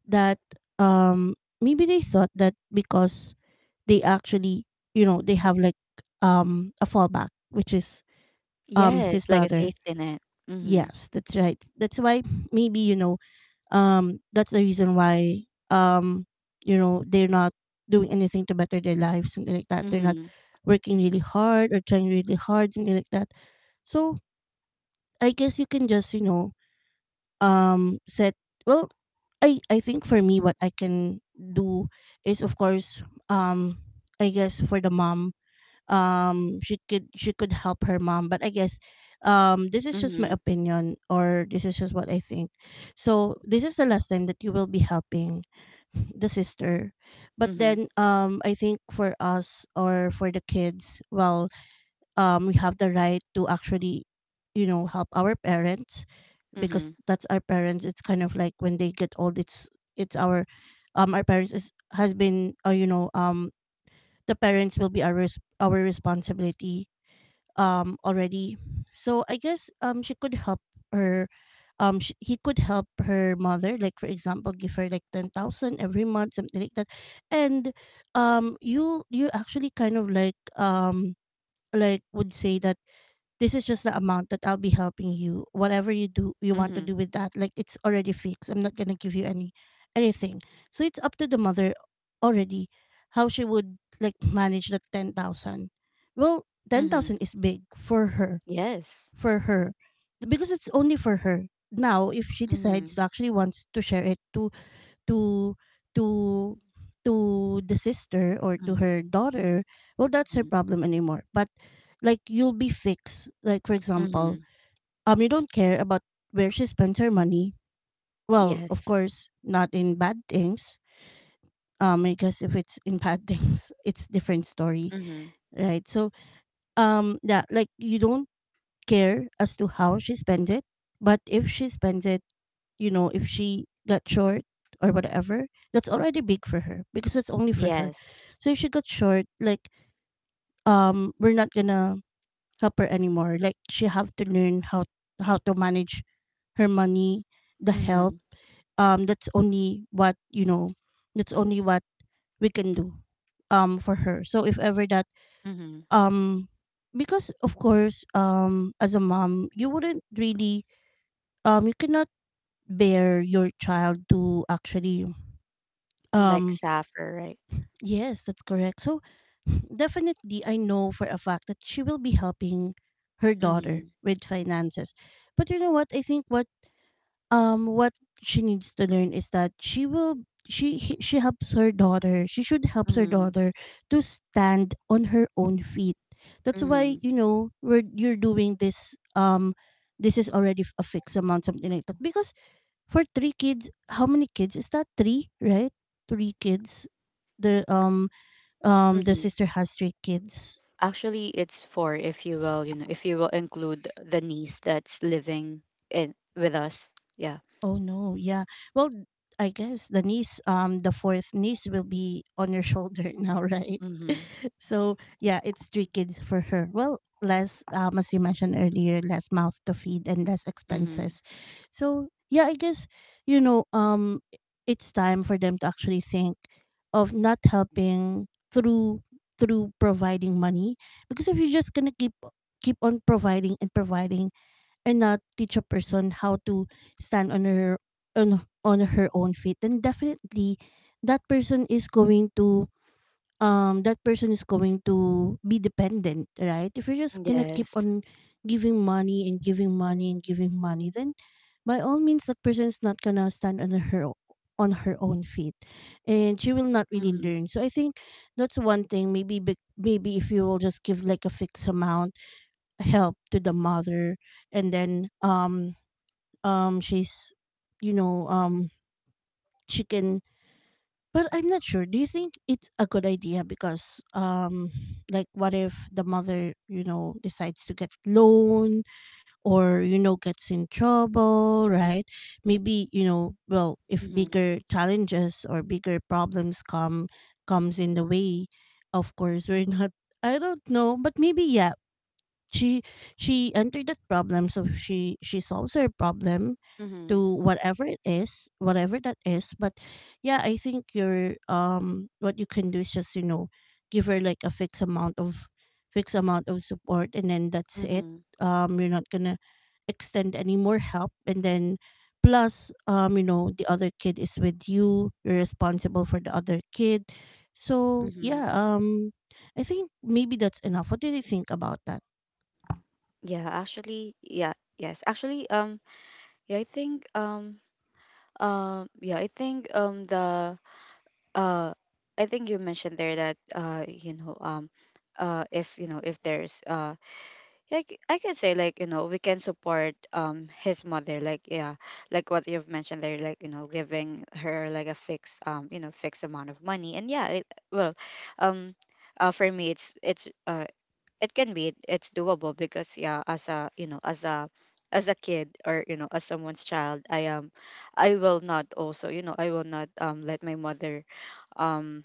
that, um maybe they thought that because they actually, you know, they have like um a fallback, which is um his Yes, like a brother. safety net. Mhm. Yes, that's right. That's why maybe, you know, um that's the reason why, um you know, they're not doing anything to better their lives, something like that. They're not Mhm. working really hard or trying really hard, something like that. So I guess you can just, you know, um set well I I think for me what I can do is, of course, um I guess for the mom, um she could, she could help her mom. But I guess um this is just my Mhm. opinion, or this is just what I think. So this is the last time that you will be helping the sister. But Mhm. then um I think for us, or for the kids, well, um we have the right to actually, you know, help our parents, Mhm. because that's our parents. It's kind of like when they get old it's it's our um our parents is has been uh, you know, um the parents will be our res- our responsibility um already. So i guess um she could help her um sh- he could help her mother, like for example, give her like ten thousand every month, something like that. And um you you actually kind of like, um like, would say that this is just the amount that I'll be helping you. Whatever you do, you want to Mhm. do with that, like it's already fixed. I'm not gonna give you any anything. So it's up to the mother already how she would like manage like ten thousand. Well, ten thousand Mhm. is big for her, Yes. for her, because it's only for her. Now, if she decides Mhm. to actually wants to share it to to to to the sister or to Mhm. her daughter, well, that's her Mhm. problem anymore. But like you'll be fixed, like for example, Mhm. um, you don't care about where she spends her money. Well, of Yes. course not in bad things. Um, I guess if it's in bad things, it's different story, Mhm. right? So um, yeah, like you don't care as to how she spends it. But if she spends it, you know, if she got short or whatever, that's already big for her because it's only for her. Yes. So if she got short, like um, we're not gonna help her anymore. Like she have to learn how how to manage her money, the help. Mhm. Um, that's only what you know. That's only what we can do. Um, for her. So if ever that Mhm. um, because of course, um, as a mom, you wouldn't really um you cannot bear your child to actually Like um. saffron, right? Yes, that's correct. So definitely I know for a fact that she will be helping her daughter Mhm. with finances. But you know what I think, what um what she needs to learn is that she will she he- she helps her daughter she should helps her Mhm. daughter to stand on her own feet. That's why, Mhm. you know, we're you're doing this. Um, this is already f- a fixed amount, something like that, because for three kids, how many kids is that? three, right? three kids. The um um the Mhm. sister has three kids. Actually, it's four if you will, you know, if you will include the niece that's living in with us. Yeah. Oh no, yeah. Well, I guess the niece, um, the fourth niece will be on your shoulder now, right? Mm-hmm. So yeah, it's three kids for her. Well, less, um, as you mentioned earlier, less mouth to feed and less Mm-hmm. expenses. So yeah, I guess, you know, um, it's time for them to actually think of not helping through through providing money, because if you're just gonna keep keep on providing and providing and not teach a person how to stand on her on, on her own feet, then definitely that person is going to um that person is going to be dependent, right? If you're just gonna keep Yes. on giving money and giving money and giving money, then by all means that person is not gonna stand on her o- on her own feet, and she will not really Mm-hmm. learn. So I think that's one thing. Maybe bec- maybe if you will just give like a fixed amount help to the mother, and then um um she's, you know, um, she can. But I'm not sure, do you think it's a good idea? Because um, like what if the mother, you know, decides to get loan or, you know, gets in trouble, right? Maybe, you know, well, if Mm-hmm. bigger challenges or bigger problems come comes in the way, of course we're not. I don't know, but maybe, yeah, she she entered that problem, so she she solves her problem Mm-hmm. to whatever it is, whatever that is. But yeah, I think your um, what you can do is just, you know, give her like a fixed amount of fixed amount of support, and then that's it. Mm-hmm. Um, you're not gonna extend any more help, and then plus um, you know, the other kid is with you, you're responsible for the other kid. So Mm-hmm. yeah, um, I think maybe that's enough. What do you think about that? Yeah, actually, yeah, yes. Actually, um, yeah, I think, um, um, yeah, I think, um, the, uh, I think you mentioned there that, uh, you know, um, uh, if, you know, if there's, uh, like, I can say, like, you know, we can support, um his mother, like, yeah, like what you've mentioned there, like, you know, giving her like a fixed, um you know fixed amount of money. And yeah, it, well, um uh, for me, it's it's uh it can be it's doable, because yeah, as a, you know, as a as a kid, or, you know, as someone's child, I am, I will not also, you know, I will not, um let my mother, um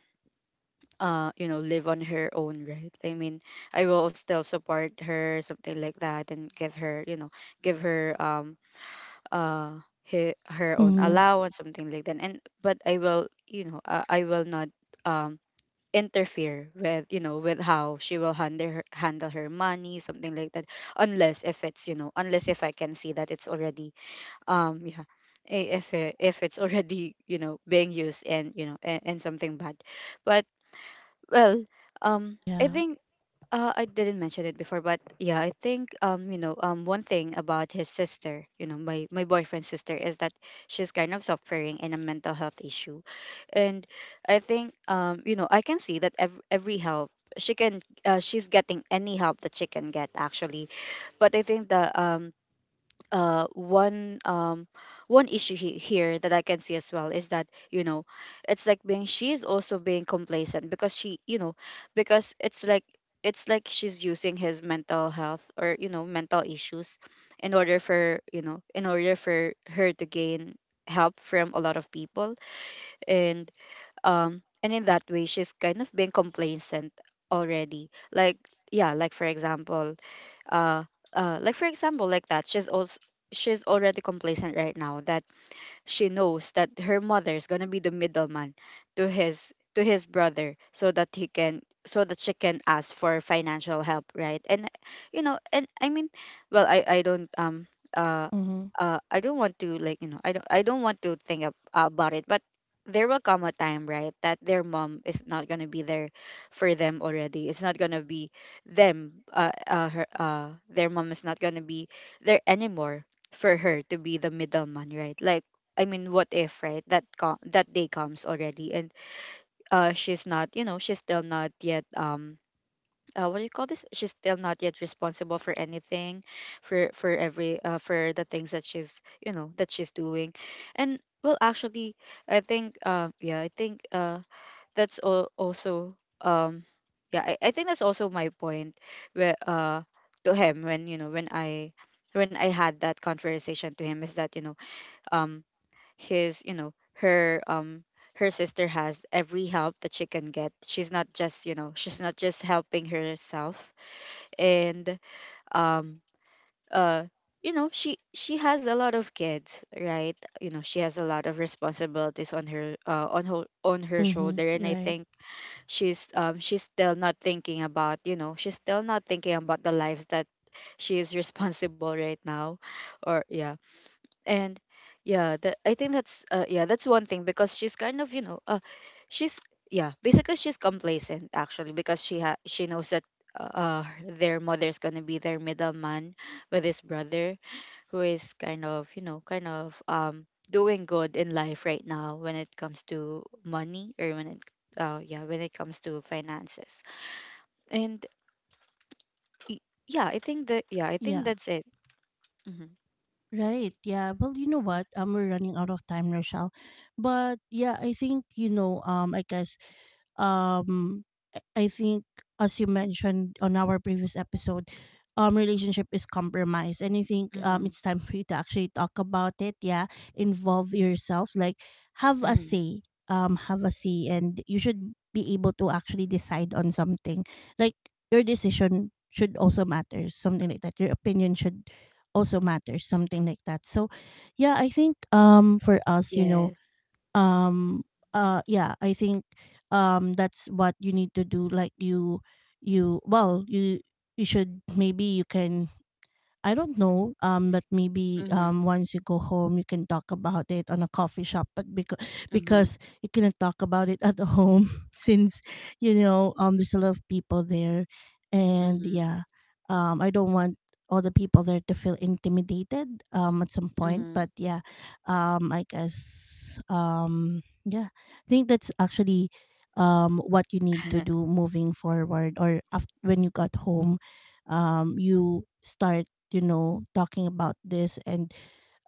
uh you know, live on her own, right, I mean, I will still support her, something like that, and give her, you know, give her um uh he, her own Mhm. allowance, something like that, and but I will, you know, uh, I will not, um interfere with, you know, with how she will handle her, handle her money, something like that, unless if it's, you know, unless if I can see that it's already, um yeah, i- if it, if it's already, you know, being used, and, you know, and, and something bad. But well, um I Yeah. think, uh, I didn't mention it before, but yeah, I think, um, you know, um, one thing about his sister, you know, my my boyfriend's sister, is that she's kind of suffering in a mental health issue. And I think, um, you know, I can see that every, every help she can, uh, she's getting any help that she can get, actually. But I think the um uh one, um one issue he- here that I can see as well, is that, you know, it's like being, she is also being complacent because she, you know, because it's like it's like she's using his mental health, or, you know, mental issues in order for, you know, in order for her to gain help from a lot of people. And um and in that way, she's kind of being complacent already, like, yeah, like, for example, uh uh like, for example, like that she's also she's already complacent right now, that she knows that her mother is going to be the middleman to his to his brother, so that he can so that she can ask for financial help, right. And, you know, and I mean, well, i i don't um uh Mhm. uh, I don't want to, like, you know, I don't I don't want to think ab- about it, but there will come a time, right, that their mom is not gonna be there for them already. It's not gonna be them. Uh, uh, her, uh, their mom is not gonna be there anymore for her to be the middleman, right? Like, I mean, what if, right, that co- that day comes already, and uh she's not, you know, she's still not yet, um uh, what do you call this? She's still not yet responsible for anything, for for every uh, for the things that she's, you know, that she's doing. And well, actually, I think, uh, yeah, I think, uh, that's al- also um, yeah, I, I think that's also my point, where, uh to him, when, you know, when I when I had that conversation to him, is that, you know, um his you know her um her sister has every help that she can get, she's not just, you know, she's not just helping herself. And um uh you know, she she has a lot of kids, right, you know, she has a lot of responsibilities on her, uh, on her on her Mhm. shoulder, Mhm. and I Right. think she's um she's still not thinking about, you know, she's still not thinking about the lives that she is responsible right now, or yeah. And yeah that I think that's, uh, yeah, that's one thing, because she's kind of, you know, uh, she's yeah, basically, she's complacent actually, because she ha- she knows that uh, uh, their mother's gonna be their middleman with his brother, who is kind of, you know, kind of um doing good in life right now when it comes to money, or when it uh, yeah, when it comes to finances. And y- yeah, I think that, yeah, I think Yeah. that's it. Mm-hmm. Right. Yeah. Well, you know what? Um, we're running out of time, Rochelle. But yeah, I think, you know, um, I guess um I I think, as you mentioned on our previous episode, um, relationship is compromise. And I think um, Mm-hmm. it's time for you to actually talk about it. Yeah. Involve yourself. Like have a Mm-hmm. say. Um, have a say, and you should be able to actually decide on something. Like your decision should also matter, something like that. Your opinion should also matter, something like that. So yeah, I think um, for us, you know, Yes. um uh yeah, I think um, that's what you need to do. Like you you well you you should, maybe you can, I don't know, um, but maybe Mm-hmm. um, once you go home, you can talk about it on a coffee shop. But because Mm-hmm. because you cannot talk about it at home, since you know um, there's a lot of people there, and Mhm. yeah, um, I don't want all the people there to feel intimidated um, at some point. Mhm. But yeah, um, I guess um, yeah, I think that's actually um, what you need to do moving forward, or after, when you got home, um, you start, you know, talking about this, and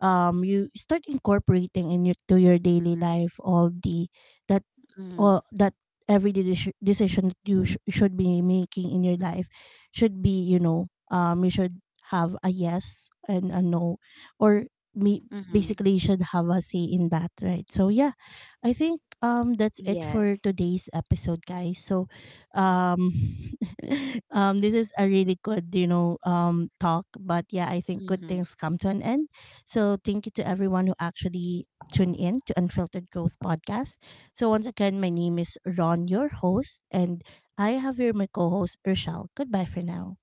um, you start incorporating in your, to your daily life, all the that Mhm. or that every deci- decision that you sh- should be making in your life should be, you know, um, you should have a yes and a no, or me Mhm. basically you should have a say in that, right? So yeah, I think um, that's it for Yes. today's episode, guys. So um, um, this is a really good, you know, um, talk. But yeah, I think good Mhm. things come to an end. So thank you to everyone who actually tuned in to Unfiltered Growth Podcast. So once again, my name is Ron, your host, and I have here my co host, Rochelle. Goodbye for now.